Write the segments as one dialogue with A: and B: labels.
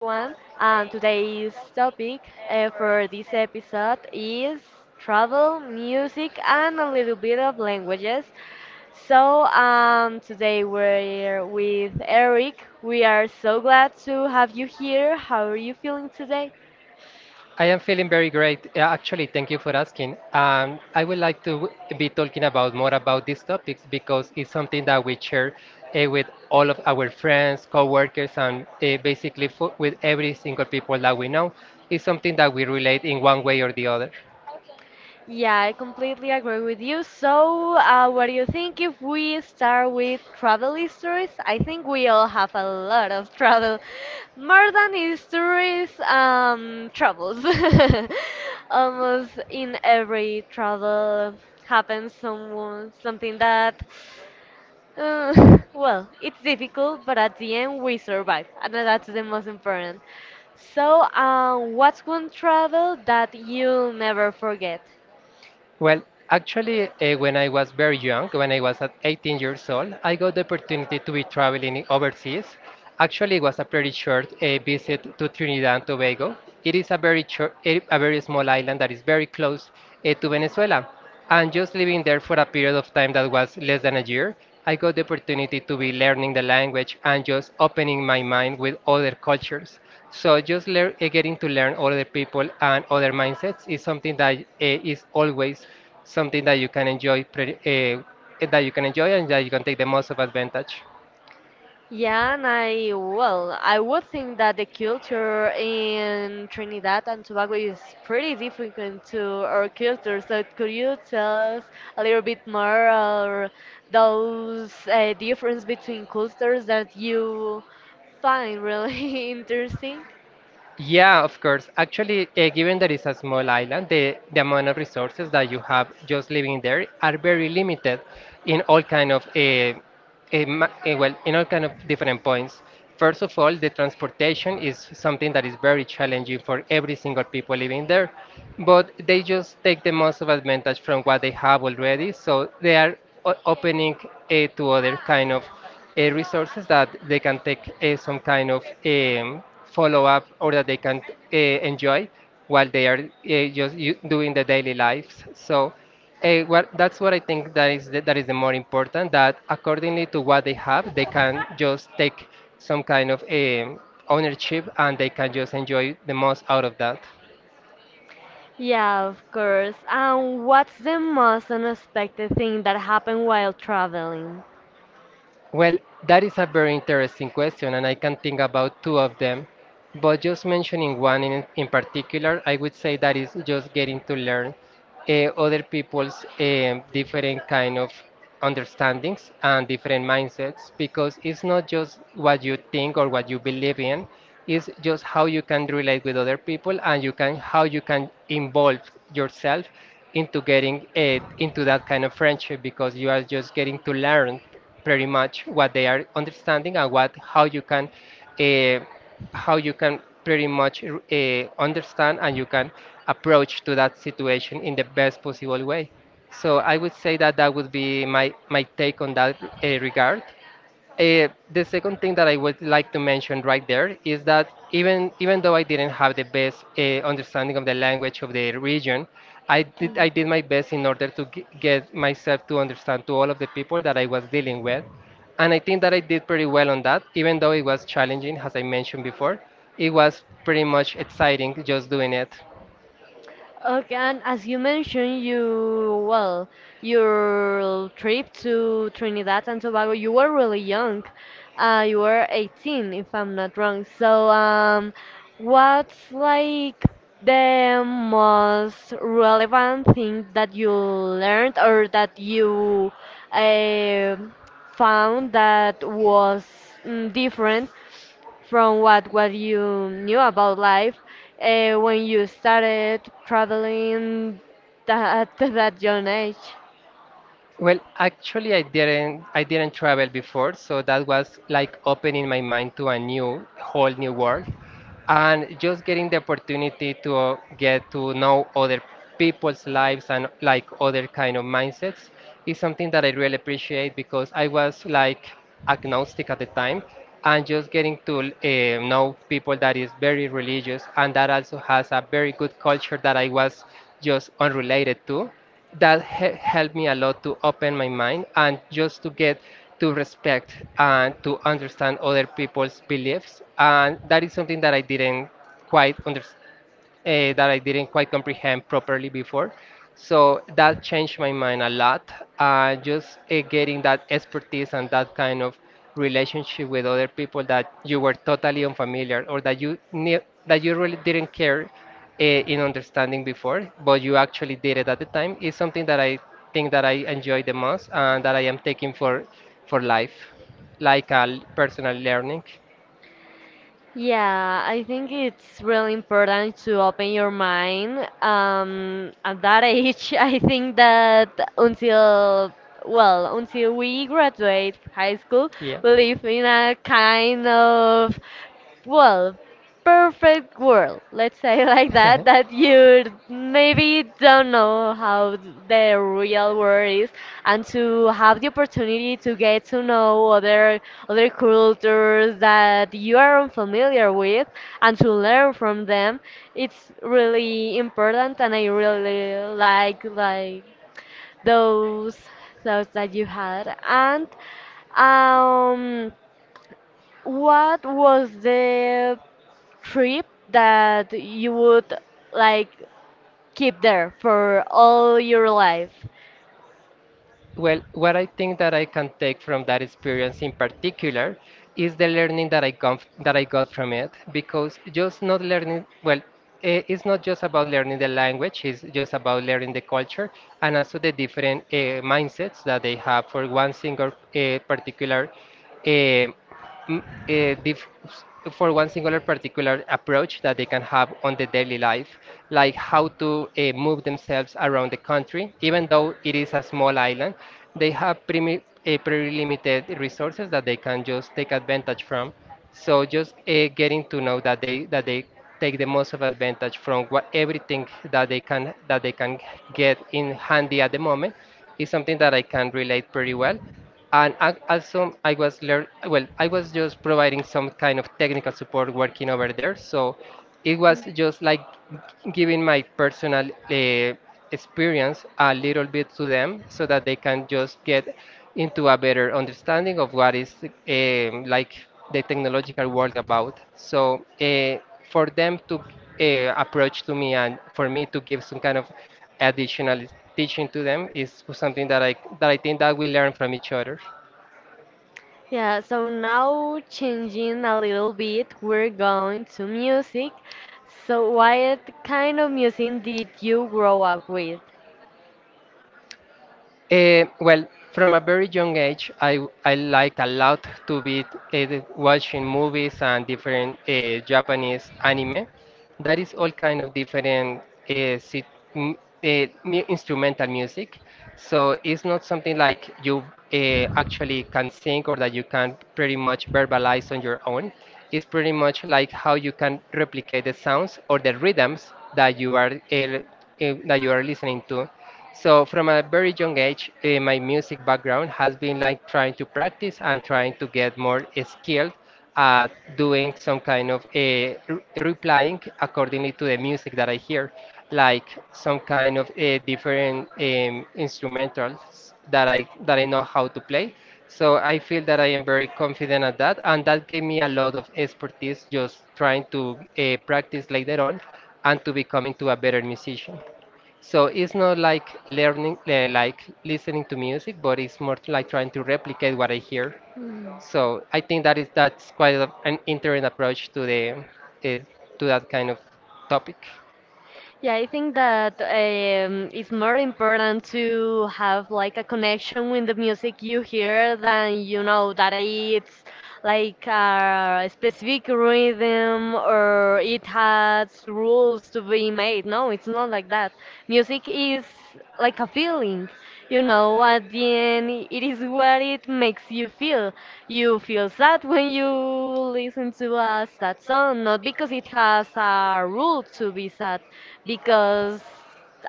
A: And today's topic for this episode is travel, music, and a little bit of languages. Today we're with Eric. We are so glad to have you here. How are you feeling today?
B: I am feeling very great. Actually, thank you for asking. I would like to be talking about more about these topics because it's something that we share with all of our friends, coworkers, and basically fo with every single people that we know. It's something that we relate in one way or the other.
A: Yeah, I completely agree with you. So, what do you think if we start with travel histories? I think we all have a lot of travel, more than histories, travels. Almost in every travel happens something that, well, it's difficult, but at the end we survive, and that's the most important. So, what's one travel that you'll never forget?
B: Well, actually, when I was very young, when I was at 18 years old, I got the opportunity to be traveling overseas. Actually, it was a pretty short visit to Trinidad and Tobago. It is a very short, a very small island that is very close to Venezuela. And just living there for a period of time that was less than a year, I got the opportunity to be learning the language and just opening my mind with other cultures. So just getting to learn other people and other mindsets is something that is always something that you can enjoy, pretty, that you can enjoy and that you can take the most of advantage.
A: Yeah, and I well, I would think that the culture in Trinidad and Tobago is pretty different to our culture. So could you tell us a little bit more or those difference between cultures that you find really interesting?
B: Yeah, of course. Actually, given that it's a small island, the amount of resources that you have just living there are very limited in all kind of well, in all kind of different points. First of all, the transportation is something that is very challenging for every single people living there, but they just take the most of advantage from what they have already. So they are opening to other kind of resources that they can take some kind of. Follow up or that they can enjoy while they are just doing the daily lives. So that's what I think that is that is the more important that accordingly to what they have, they can just take some kind of ownership and they can just enjoy the most out of that.
A: Yeah, of course. And what's the most unexpected thing that happened while traveling?
B: Well, that is a very interesting question, and I can think about two of them. But just mentioning one in particular, I would say that is just getting to learn uh, other people's different kind of understandings and different mindsets, because it's not just what you think or what you believe in, it's just how you can relate with other people and you can how you can involve yourself into getting into that kind of friendship because you are just getting to learn pretty much what they are understanding and what uh, how you can pretty much understand and you can approach to that situation in the best possible way. So I would say that that would be my take on that regard. The second thing that I would like to mention right there is that even though I didn't have the best understanding of the language of the region,
A: Mm.
B: I did my best in order to get myself to understand to all of the people that I was dealing with, and I think that I did pretty well on that. Even though it was challenging, as I mentioned before, it was pretty much exciting just doing it.
A: Okay, and as you mentioned, your trip to Trinidad and Tobago, you were really young. You were 18, if I'm not wrong. So, what's like the most relevant thing that you learned or that you, uh, found that was mm, different from what you knew about life when you started traveling that, at that young age?
B: Well, actually, I didn't travel before, so that was like opening my mind to a new whole new world and just getting the opportunity to get to know other people's lives and like other kind of mindsets is something that I really appreciate because I was like agnostic at the time and just getting to know people that is very religious and that also has a very good culture that I was just unrelated to that helped me a lot to open my mind and just to get to respect and to understand other people's beliefs and that is something that I didn't quite understand that I didn't quite comprehend properly before. So that changed my mind a lot. Just Getting that expertise and that kind of relationship with other people that you were totally unfamiliar or that you knew that you really didn't care in understanding before, but you actually did it at the time is something that I think that I enjoy the most and that I am taking for life, like a personal learning.
A: Yeah, I think it's really important to open your mind. At that age, I think that until we graduate high school, we live in a kind of, well, perfect world, let's say like that, that you maybe don't know how the real world is, and to have the opportunity to get to know other cultures that you are unfamiliar with, and to learn from them, it's really important, and I really like those thoughts that you had, and um, what was the trip that you would like keep there for all your life.
B: Well, what I think that I can take from that experience in particular is the learning that I got from it because just not learning it's not just about learning the language, it's just about learning the culture and also the different mindsets that they have for one single particular uh, mm, eh, dif- for one singular particular approach that they can have on the daily life, like how to move themselves around the country, even though it is a small island, they have pretty limited resources that they can just take advantage from. So just getting to know that they take the most of advantage from what everything that they can get in handy at the moment is something that I can relate pretty well and also I was learn well I was just providing some kind of technical support working over there so it was just like giving my personal experience a little bit to them so that they can just get into a better understanding of what is like the technological world about. So for them to approach to me and for me to give some kind of additional teaching to them is something that I think that we learn from each other.
A: Yeah, so now changing a little bit, we're going to music. So, what kind of music did you grow up with?
B: Well, from a very young age, I liked a lot to be watching movies and different Japanese anime. That is all kind of different uh, sit, m- instrumental music. So it's not something like you actually can sing or that you can pretty much verbalize on your own. It's pretty much like how you can replicate the sounds or the rhythms that you are listening to. So from a very young age, my music background has been like trying to practice and trying to get more skilled at doing some kind of a replying accordingly to the music that I hear, like some kind of a different instrumentals that I know how to play. So I feel that I am very confident at that, and that gave me a lot of expertise just trying to practice later on and to become into a better musician. So it's not like learning, like listening to music, but it's more like trying to replicate what I hear.
A: Hmm.
B: So I think that is that's quite an interesting approach to the uh, to that kind of topic.
A: Yeah, I think that it's more important to have like a connection with the music you hear than you know that it's like a specific rhythm or it has rules to be made. No, it's not like that. Music is like a feeling, you know, at the end, it is what it makes you feel. You feel sad when you listen to a sad song, not because it has a rule to be sad, because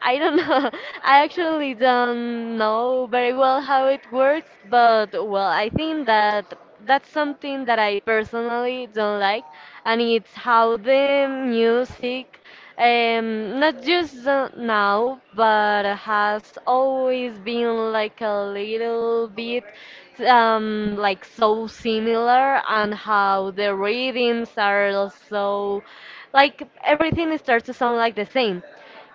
A: I don't know. I actually don't know very well how it works, but well, I think that that's something that I personally don't like, and it's how the music, not just now, but has always been like a little bit like so similar and how the rhythms are so like everything starts to sound like the same,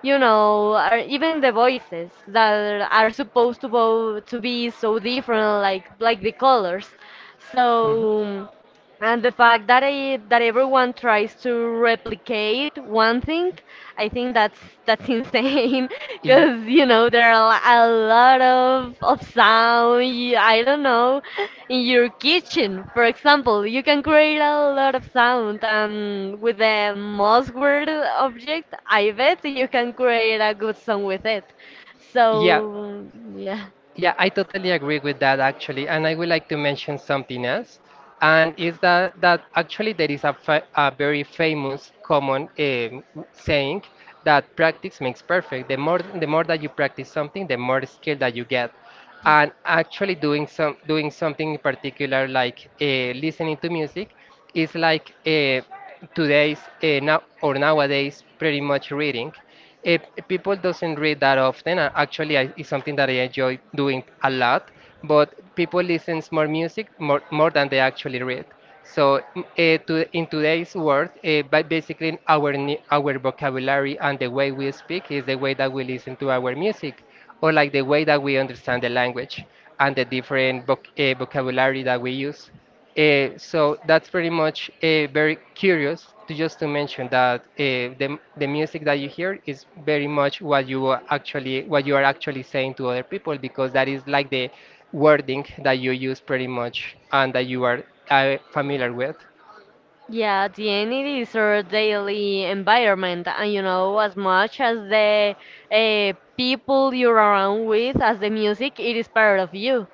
A: you know, or even the voices that are supposed to, to be so different, like the colors.
B: Mhm.
A: So and the fact that everyone tries to replicate one thing, I think that's insane
B: Ye-
A: because you know there are a lot of sound. I don't know, in your kitchen, for example, you can create a lot of sound, and with a Moss word object, I bet you can create a good song with it.
B: Yeah,
A: So yeah.
B: Yeah, I totally agree with that actually, and I would like to mention something else, and is that actually there is a, fa a very famous common saying that practice makes perfect. The more that you practice something, the more skill that you get, and actually doing something in particular like listening to music, it's like today's now or nowadays pretty much reading. Uh, People doesn't read that often. Actually, it's something that I enjoy doing a lot. But people listens more music more than they actually read. So in today's world, by basically our our vocabulary and the way we speak is the way that we listen to our music, or like the way that we understand the language and the different vocabulary that we use. So that's pretty much very curious to just to mention that the music that you hear is very much what you are actually saying to other people because that is like the wording that you use pretty much and that you are familiar with.
A: Yeah, the end it is our daily environment, and you know, as much as the people you're around with, as the music, it is part of you.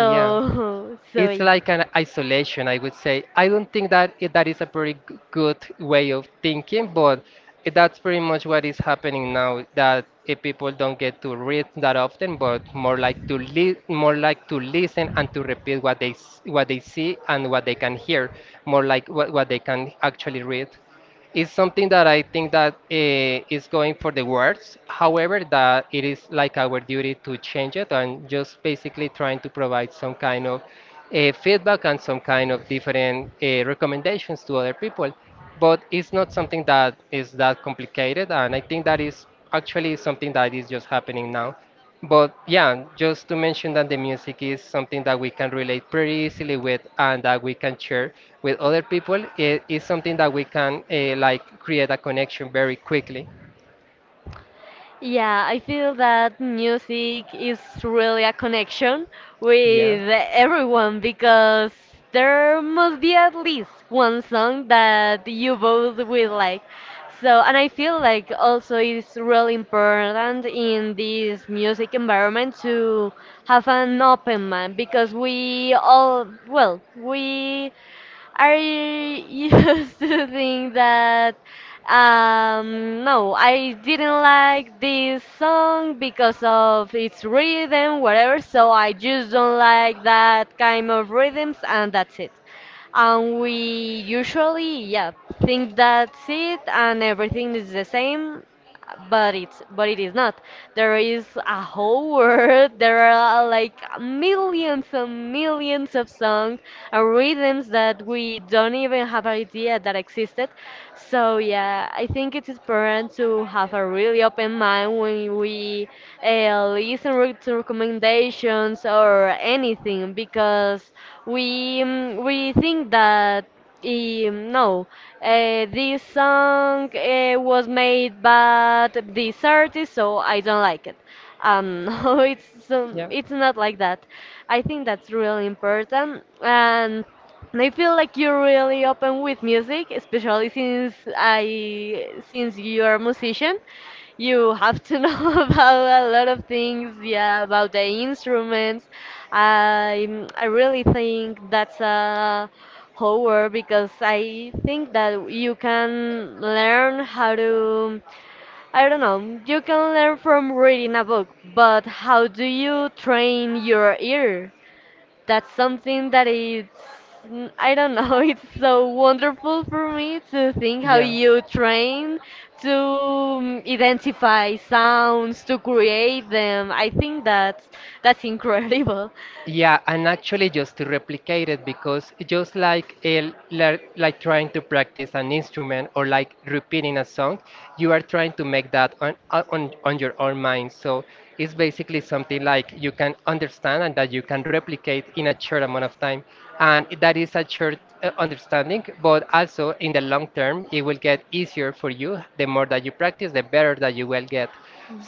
B: Yeah.
A: so
B: It's like an isolation, I would say. I don't think that that is a pretty good way of thinking, but that's pretty much what is happening now. That if people don't get to read that often, but more like to more like to listen and to repeat what they what they see and what they can hear, more like what they can actually read. It's something that I think that is going for the worst. However, that it is like our duty to change it and
A: y-
B: just basically trying to provide some kind of feedback and some kind of different recommendations to other people. But it's not something that is that complicated, and I think that is actually something that is just happening now. But yeah, just to mention that the music is something that we can relate pretty easily with and that we can share with other people. It is something that we can like create a connection very quickly.
A: yeah, I feel that music is really a connection
B: Yeah.
A: with everyone because there must be at least one song that you both will like. So, and I feel like also it's really important in this music environment to have an open mind because we all, well, we I used to think that no, I didn't like this song because of its rhythm, whatever. So I just don't like that kind of rhythms, and that's it. And we usually, yeah, think that's it, and everything is the same, but it's but it is not. There is a whole world. There are like millions and millions of songs, rhythms that we don't even have an idea that existed. So yeah, I think it's important to have a really open mind when we to recommendations or anything because we think that no, this song was made by this artist, so I don't like it. No,
B: Yeah.
A: it's not like that. I think that's really important, and I feel like you're really open with music, especially since you're a musician. You have to know about a lot of things, yeah, about the instruments. I really think that's a horror because I think that you can learn how to, I don't know, you can learn from reading a book, but how do you train your ear? That's something that it's, I don't know, it's so wonderful for me to think how you train to mm, identify sounds, to create them. I think that's incredible.
B: Yeah, and actually just to replicate it because just like like trying to practice an instrument or like repeating a song, you are trying to make that on your own mind. So it's basically something like you can understand and that you can replicate in a short amount of time. And that is a short understanding, but also in the long term, it will get easier for you. The more that you practice, the better that you will get.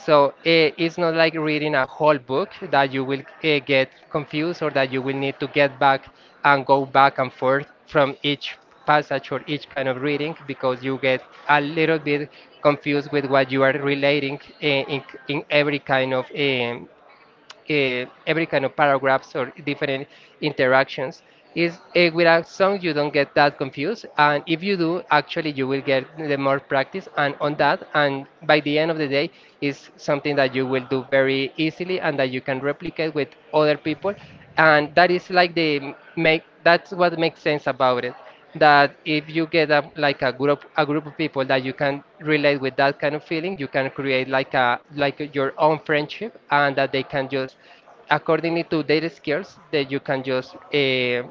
B: So it's not like reading a whole book that you will get confused or that you will need to get back and go back and forth from each passage or each kind of reading because you get a little bit confused with what you are relating in every kind of paragraphs or different interactions is with a song you don't get that confused, and if you do actually you will get the more practice and on that, and by the end of the day is something that you will do very easily and that you can replicate with other people, and that is like the make that's what makes sense about it, that if you get like a group of people that you can relate with that kind of feeling you can create like a like your own friendship, and that they can just accordingly to their skills that you can just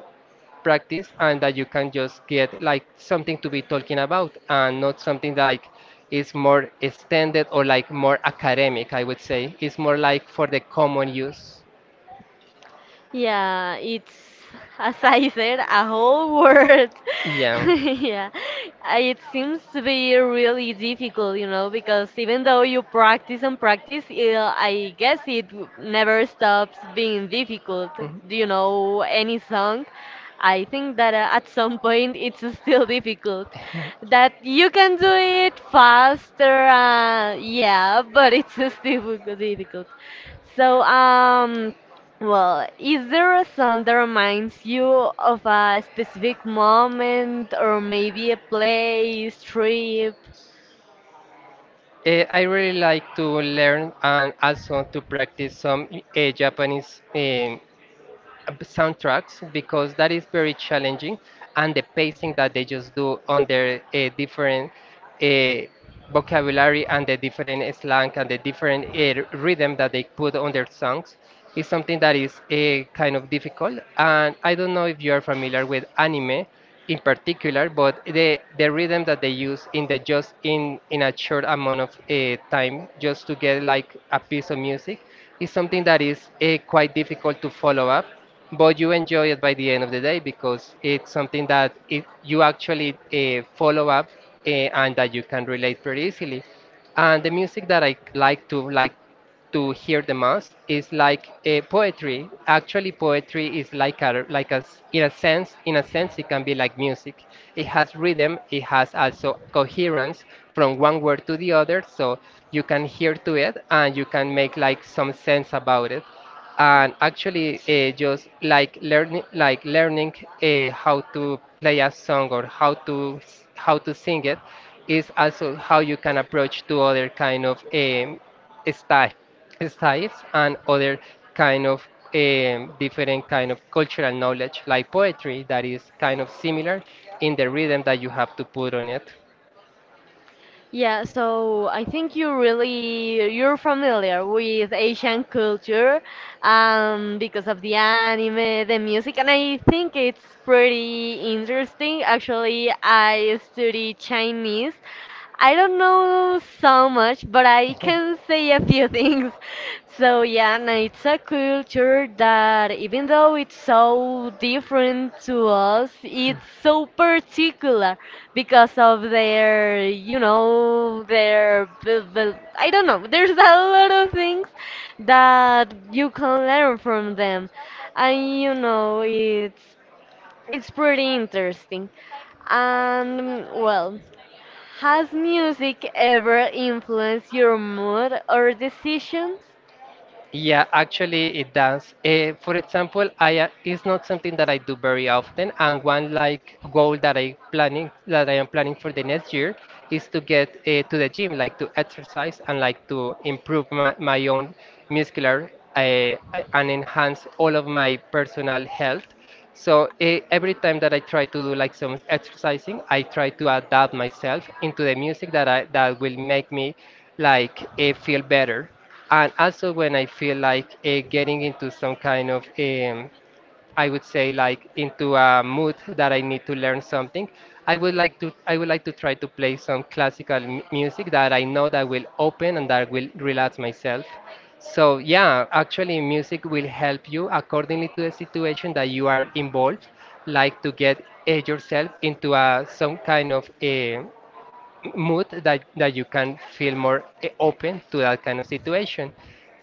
B: practice and that you can just get like something to be talking about and not something like is more extended or like more academic. I would say it's more like for the common use.
A: Yeah, it's, as I said, a whole world. Yeah, uh, it seems to be really difficult, you know, because even though you practice and practice, I guess it never stops being difficult. Do you know any song? I think that at some point it's still difficult. That you can do it faster, yeah, but it's still difficult. So, well, is there a song that reminds you of a specific moment or maybe a place, trip?
B: I really like to learn and also to practice some Japanese soundtracks because that is very challenging, and the pacing that they just do on their different uh, vocabulary and the different slang and the different rhythm that they put on their songs is something that is kind of difficult. And I don't know if you are familiar with anime in particular, but the rhythm that they use in the just in a short amount of time just to get like a piece of music is something that is quite difficult to follow up, but you enjoy it by the end of the day because it's something that you actually follow up and that you can relate pretty easily. And the music that I like to to hear the most is like poetry. Actually, poetry is like in a sense it can be like music. It has rhythm. It has also coherence from one word to the other, so you can hear to it and you can make like some sense about it, and actually just like learning how to play a song or how to sing it is also how you can approach to other kind of style styles and other kind of different kind of cultural knowledge like poetry that is kind of similar in the rhythm that you have to put on it.
A: Yeah, so I think you really you're familiar with Asian culture, because of the anime, the music, and I think it's pretty interesting. Actually, I study Chinese. I don't know so much, but I can say a few things. So so yeah, and it's a culture that even though it's so different to us, it's so particular because of their, you know, I don't know, there's a lot of things that you can learn from them. And you know, it's pretty interesting. And well, has music ever influenced your mood or decisions?
B: Yeah, actually it does. For example, I it's not something that I do very often, and one like goal that I planning that I am planning for the next year is to get to the gym, like to exercise and like to improve my own muscular uh, and enhance all of my personal health. So every time that I try to do like some exercising, I try to adapt myself into the music that will make me like feel better, and also when I feel like getting into some kind of, I would say like into a mood that I need to learn something, I would like to try to play some classical music that I know that will open and that will relax myself. So yeah, actually music will help you accordingly to the situation that you are involved, like to get yourself into a some kind of mood that you can feel more open to that kind of situation.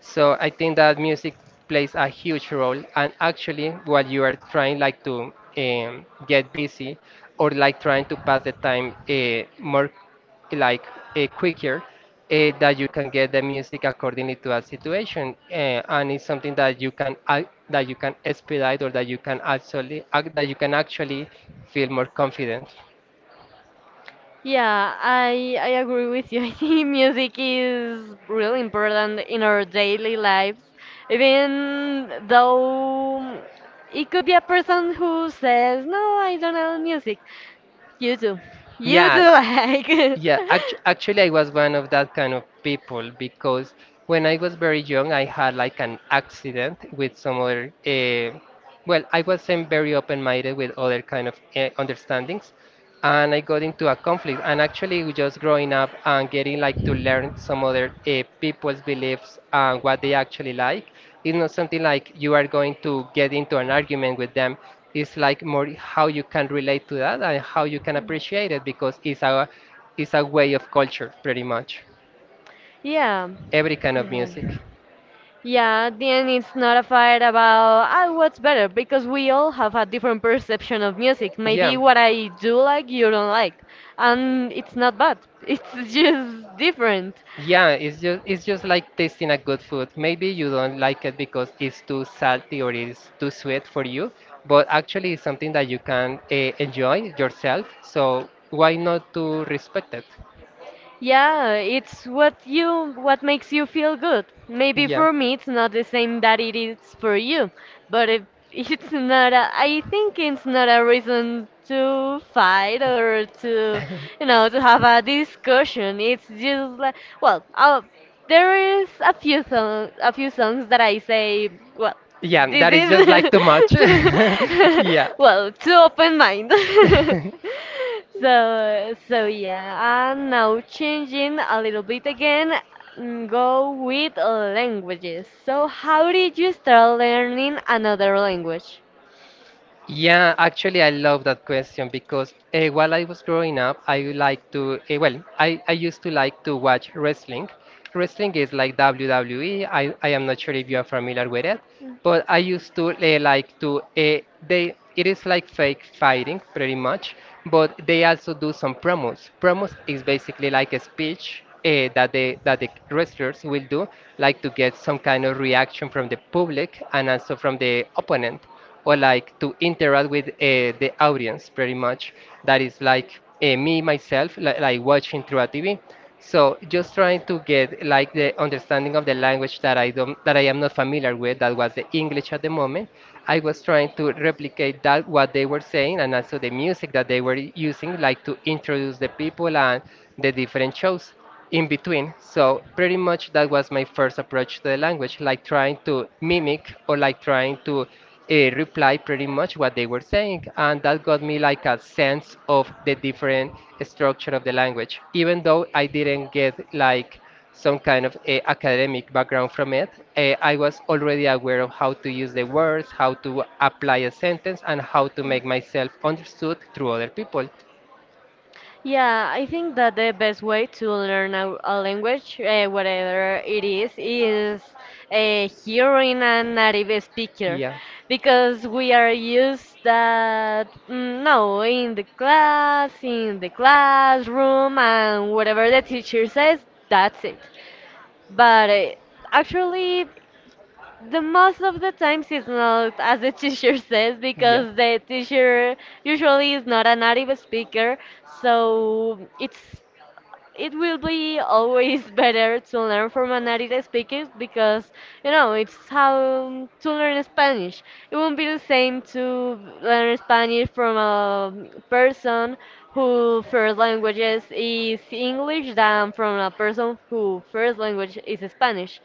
B: So I think that music plays a huge role. And actually, while you are trying like to get busy or like trying to pass the time more like quicker, that you can get the music accordingly to that situation, and it's something that that you can expedite or that you can actually that you can actually feel more confident.
A: Yeah, I agree with you. I think music is really important in our daily lives, even though it could be a person who says, "No, I don't know music." You do, you do
B: Yeah,
A: like.
B: Yeah, actually, I was one of that kind of people because when I was very young, I had like an accident with some other. Well, I wasn't very open-minded with other kind of understandings, and I got into a conflict. And actually, we just growing up and getting like to learn some other people's beliefs and what they actually like. It's not something like you are going to get into an argument with them. It's like more how you can relate to that and how you can
A: Hmm.
B: appreciate it because it's a way of culture, pretty much.
A: Yeah.
B: Every kind of
A: Yeah.
B: music.
A: Yeah, then it's not a fight about, oh, what's better because we all have a different perception of music.
B: Yeah,
A: Maybe what I do like you don't like, and it's not bad. It's just different.
B: yeah. It's just like tasting a good food. Maybe you don't like it because it's too salty or it's too sweet for you, but actually it's something that you can enjoy yourself. So why not to respect it?
A: Yeah, it's what you what makes you feel good. Maybe
B: Yeah.
A: for me it's not the same that it is for you, but if it's not a, I think it's not a reason to fight or to, you know, to have a discussion. It's just like, well, there is a few songs that I say, well,
B: Yeah,
A: this
B: that is just
A: is
B: like too much. Yeah.
A: well, too open mind. So so yeah, and now changing a little bit again, mm, go with languages. So how did you start learning another language?
B: Yeah, actually, I love that question because while I was growing up, I used to like to watch wrestling. Wrestling is like WWE. I am not sure if you are familiar with it, but I used to it is like fake fighting pretty much, but they also do some promos. Promos is basically like a speech that the wrestlers will do, like to get some kind of reaction from the public and also from the opponent or like to interact with the audience pretty much. That is like me myself like watching through a TV, so just trying to get like the understanding of the language that I don't that I am not familiar with, that was the english at the moment. I was trying to replicate that what they were saying, and also the music that they were using like to introduce the people and the different shows in between. So pretty much that was my first approach to the language, like trying to mimic or like trying to reply pretty much what they were saying, and that got me like a sense of the different structure of the language. Even though I didn't get like some kind of academic background from it, I was already aware of how to use the words, how to apply a sentence, and how to make myself understood through other people.
A: Yeah, I think that the best way to learn a language, whatever it is hearing a native speaker, because we are used that mm, no in the class, in the classroom, and whatever the teacher says, that's it. But actually, the most of the times it's not as the teacher says because the teacher usually is not a native speaker, so it's it will be always better to learn from a native speaker because you know it's how to learn Spanish. It won't be the same to learn Spanish from a person who first languages is English than from a person who first language is Spanish.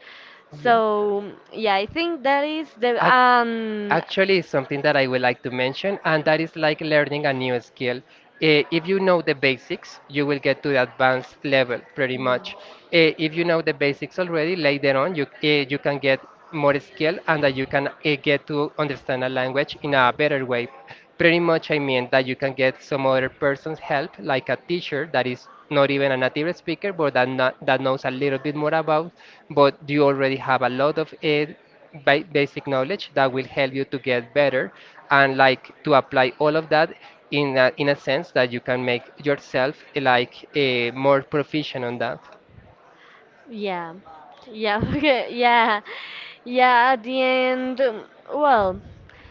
A: So yeah, I think that is the um.
B: Actually, it's something that I would like to mention, and that is like learning a new skill. If you know the basics, you will get to the advanced level pretty much. If you know the basics already, later on you can get more skill and that you can get to understand a language in a better way. Pretty much, I mean that you can get some other person's help, like a teacher that is not even a native speaker, but that not, that knows a little bit more about, but you already have a lot of basic knowledge that will help you to get better and like to apply all of that in in a sense that you can make yourself like a more proficient on that.
A: Yeah. Yeah. Okay. Yeah. Yeah. At the end, well.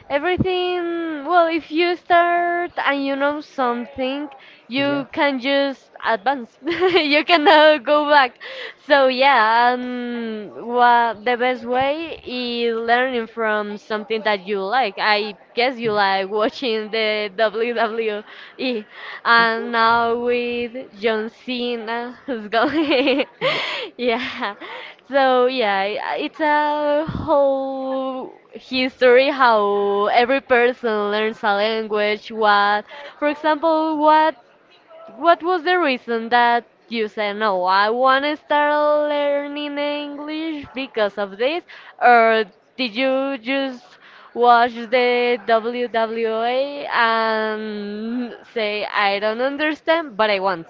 A: Everything, well, if you start and you know something,
B: Yeah.
A: you can just advance. You cannot go back. So yeah, what the best way is learning from something that you like. I guess you like watching the WWE, and now with John Cena who's going.
B: Yeah.
A: Yeah. So yeah, it's a whole history how every person learns a language. What, for example, what was the reason that you said no? I want to start learning English because of this, or did you just watch the WWA and say I don't understand, but I want?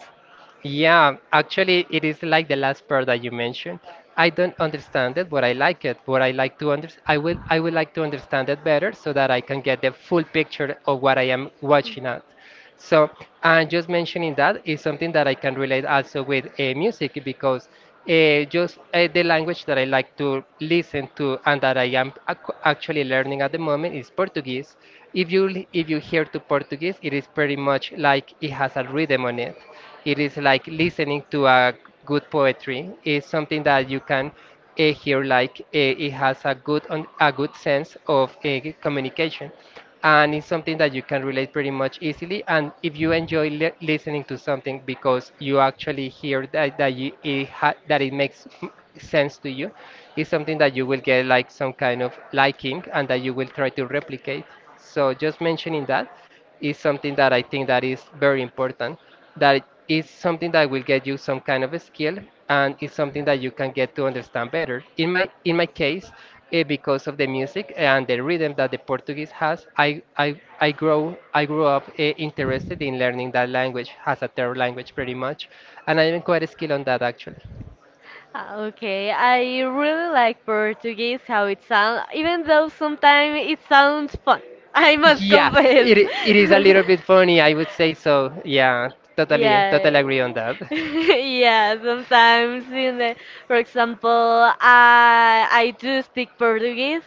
B: Yeah, actually, it is like the last part that you mentioned. I don't understand it, but I like it. But I would like to understand it better so that I can get the full picture of what I am watching at. So, and just mentioning that is something that I can relate also with music because just the language that I like to listen to and that actually learning at the moment is Portuguese. If if you hear to Portuguese, it is pretty much like it has a rhythm on it. It is like listening to a good poetry. It's something that you can here like it has a a good sense of communication, and it's something that you can relate pretty much easily. And if you enjoy listening to something because you actually hear that it sense to you, it's something that you will get like some kind of liking and that you will try to replicate. So just mentioning that is something that I think that is very important. That is something that will get you some kind of a skill, and it's something that you can get to understand better. In my case, because of the music and the rhythm that the Portuguese has, I grew up interested in learning that language as a third language, pretty much, and I'm quite skilled on that actually.
A: Okay, I really like Portuguese, how it sounds, even though sometimes it sounds fun. I must
B: Yeah,
A: confess.
B: it is a little bit funny, I would say so. Yeah, totally, totally
A: Yeah.
B: agree on that.
A: Yeah, sometimes in the, for example, I do speak Portuguese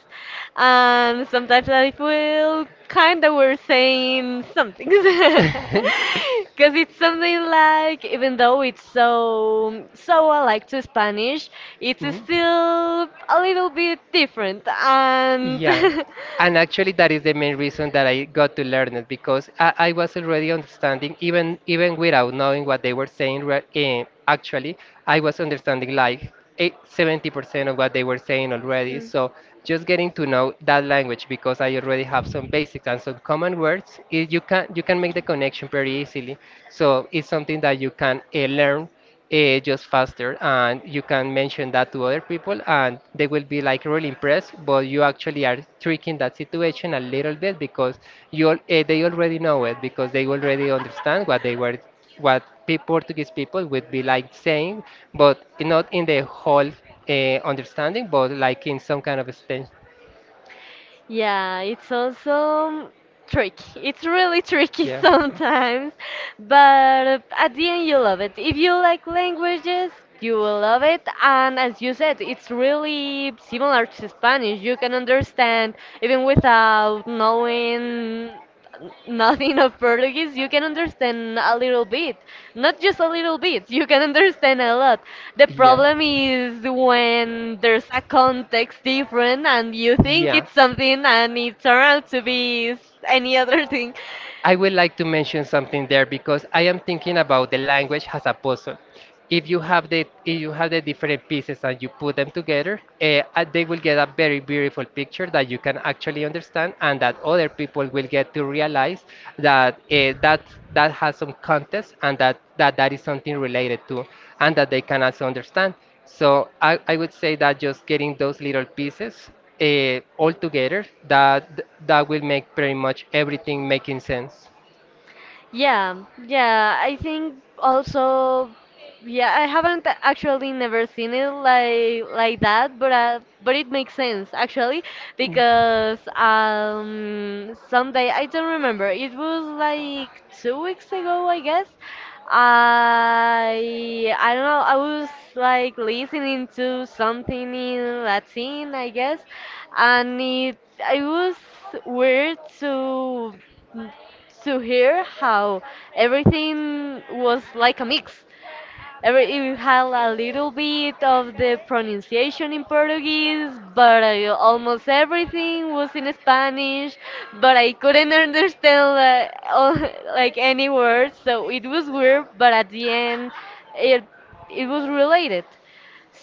A: and sometimes I feel kind of we're saying something. Because it's something like even though it's so so alike to Spanish, it's
B: Mhm.
A: still a little bit different. And
B: Yeah, and actually that is the main reason that I got to learn it because I was already understanding even without knowing what they were saying. Actually, I was understanding like eight, 70% of what they were saying already. So just getting to know that language, because I already have some basics and some common words, it, you can make the connection very easily. So it's something that
A: hmm.
B: you can learn just faster, and you can mention that to other people and they will be like really impressed, but you actually are tricking that situation a little bit because you they already know it because they already understand what they were what Portuguese people would be like saying, but not in the whole uh, understanding, but like in some kind of extent.
A: Yeah, it's also tricky. It's really tricky
B: Yeah.
A: sometimes, but at the end you love it. If you like languages, you will love it. And as you said, it's really similar to Spanish. You can understand even without knowing nothing of Portuguese, you can understand a little bit. Not just a little bit, you can understand a lot. The
B: Yeah.
A: problem is when there's a context different and you think
B: Yeah.
A: it's something and it's around to be any other thing.
B: I would like to mention something there because I am thinking about the language as a puzzle. If you have the different pieces and you put them together, they will get a very beautiful picture that you can actually understand, and that other people will get to realize that that has some context, and that is something related to, and that they can also understand. So I would say that just getting those little pieces all together, that that will make pretty much everything making sense.
A: Yeah, yeah, I think also yeah, I haven't actually never seen it like that, but it makes sense actually because someday I don't remember. It was like 2 weeks ago, I guess. I don't know. I was like listening to something in Latin, I guess, and it was weird to hear how everything was like a mix. Every, it had a little bit of the pronunciation in Portuguese, but I, almost everything was in Spanish. But I couldn't understand like, all, like any words, so it was weird. But at the end, it it was related.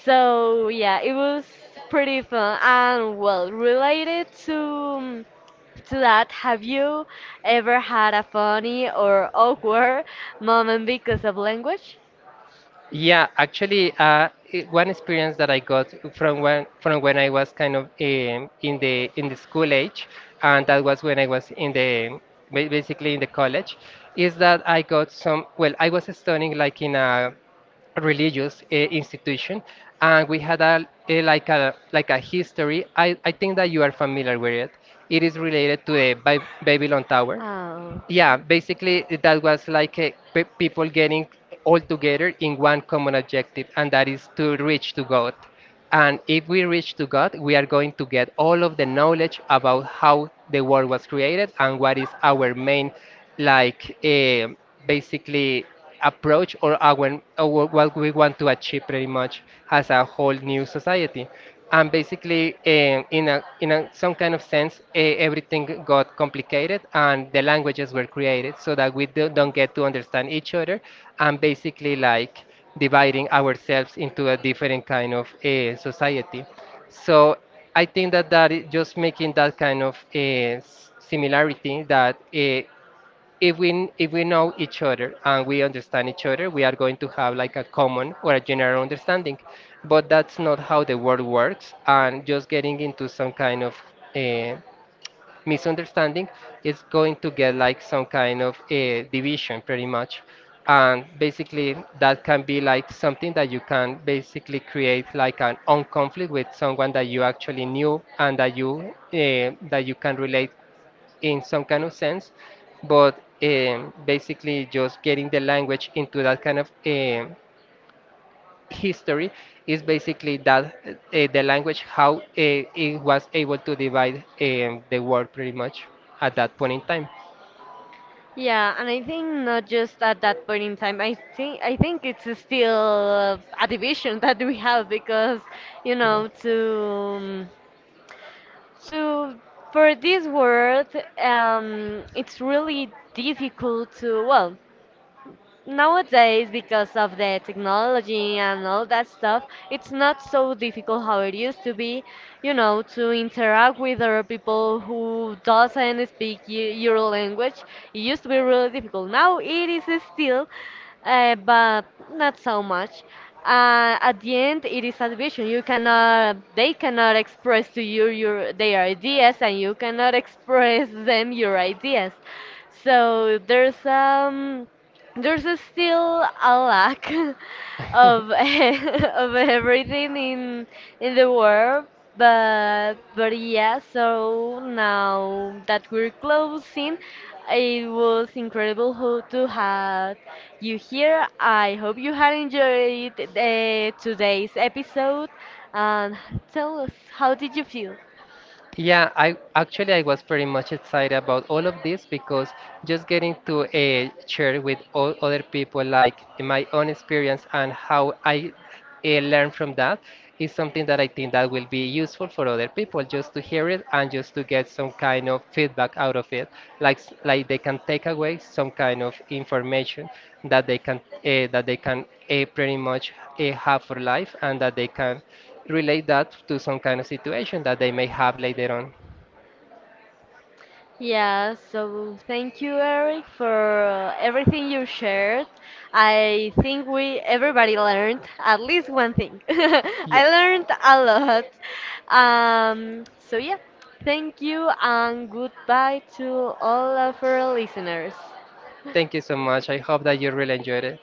A: So yeah, it was pretty fun. And well, related to mm, to that, have you ever had a funny or awkward moment because of language?
B: Yeah, actually, one experience that I got from when I was kind of in the school age, and that was when I was in the basically in the college, is that I got some. Well, I was studying like in a religious institution, and we had a like a like a history. I think that you are familiar with it. It is related to the Babylon Tower.
A: Oh,
B: Yeah,
A: okay.
B: basically that was like pe people getting all together in one common objective, and that is to reach to God. And if we reach to God, we are going to get all of the knowledge about how the world was created and what is our main like. Basically approach or our what we want to achieve, pretty much as a whole new society. And basically in a some kind of sense, everything got complicated and the languages were created so that don't get to understand each other, and basically like dividing ourselves into a different kind of society. So I think that that is just making that kind of similarity that if we know each other and we understand each other, we are going to have like a common or a general understanding. But that's not how the world works, and just getting into some kind of uh, misunderstanding is going to get like some kind of division, pretty much. And basically, that can be like something that you can basically create like an on conflict with someone that you actually knew and that you can relate in some kind of sense, but basically just getting the language into that kind of history is basically that the language how it was able to divide the world pretty much at that point in time.
A: Yeah, and I think not just at that point in time. I think it's still a division that we have because you know to to for this world, it's really difficult to, well, nowadays because of the technology and all that stuff it's not so difficult how it used to be, you know, to interact with other people who doesn't speak your language. It used to be really difficult, now it is still, but not so much. At the end it is a division. You cannot, they cannot express to you your their ideas and you cannot express them your ideas, so there's a still a lack of of everything in the world. But yeah, so now that we're closing, it was incredible to have you here. I hope you had enjoyed today's episode, and tell us how did you feel.
B: Yeah, I actually I was pretty much excited about all of this because just getting to share with all other people like my own experience and how I learn from that is something that I think that will be useful for other people just to hear it and just to get some kind of feedback out of it, like like they can take away some kind of information that they can pretty much have for life, and that they can relate that to some kind of situation that they may have later on.
A: Yeah, so thank you, Eric, for everything you shared. I think we everybody learned at least one thing. I
B: Yeah.
A: learned a lot. So yeah, thank you and goodbye to all of our listeners.
B: Thank you so much. I hope that you really enjoyed it.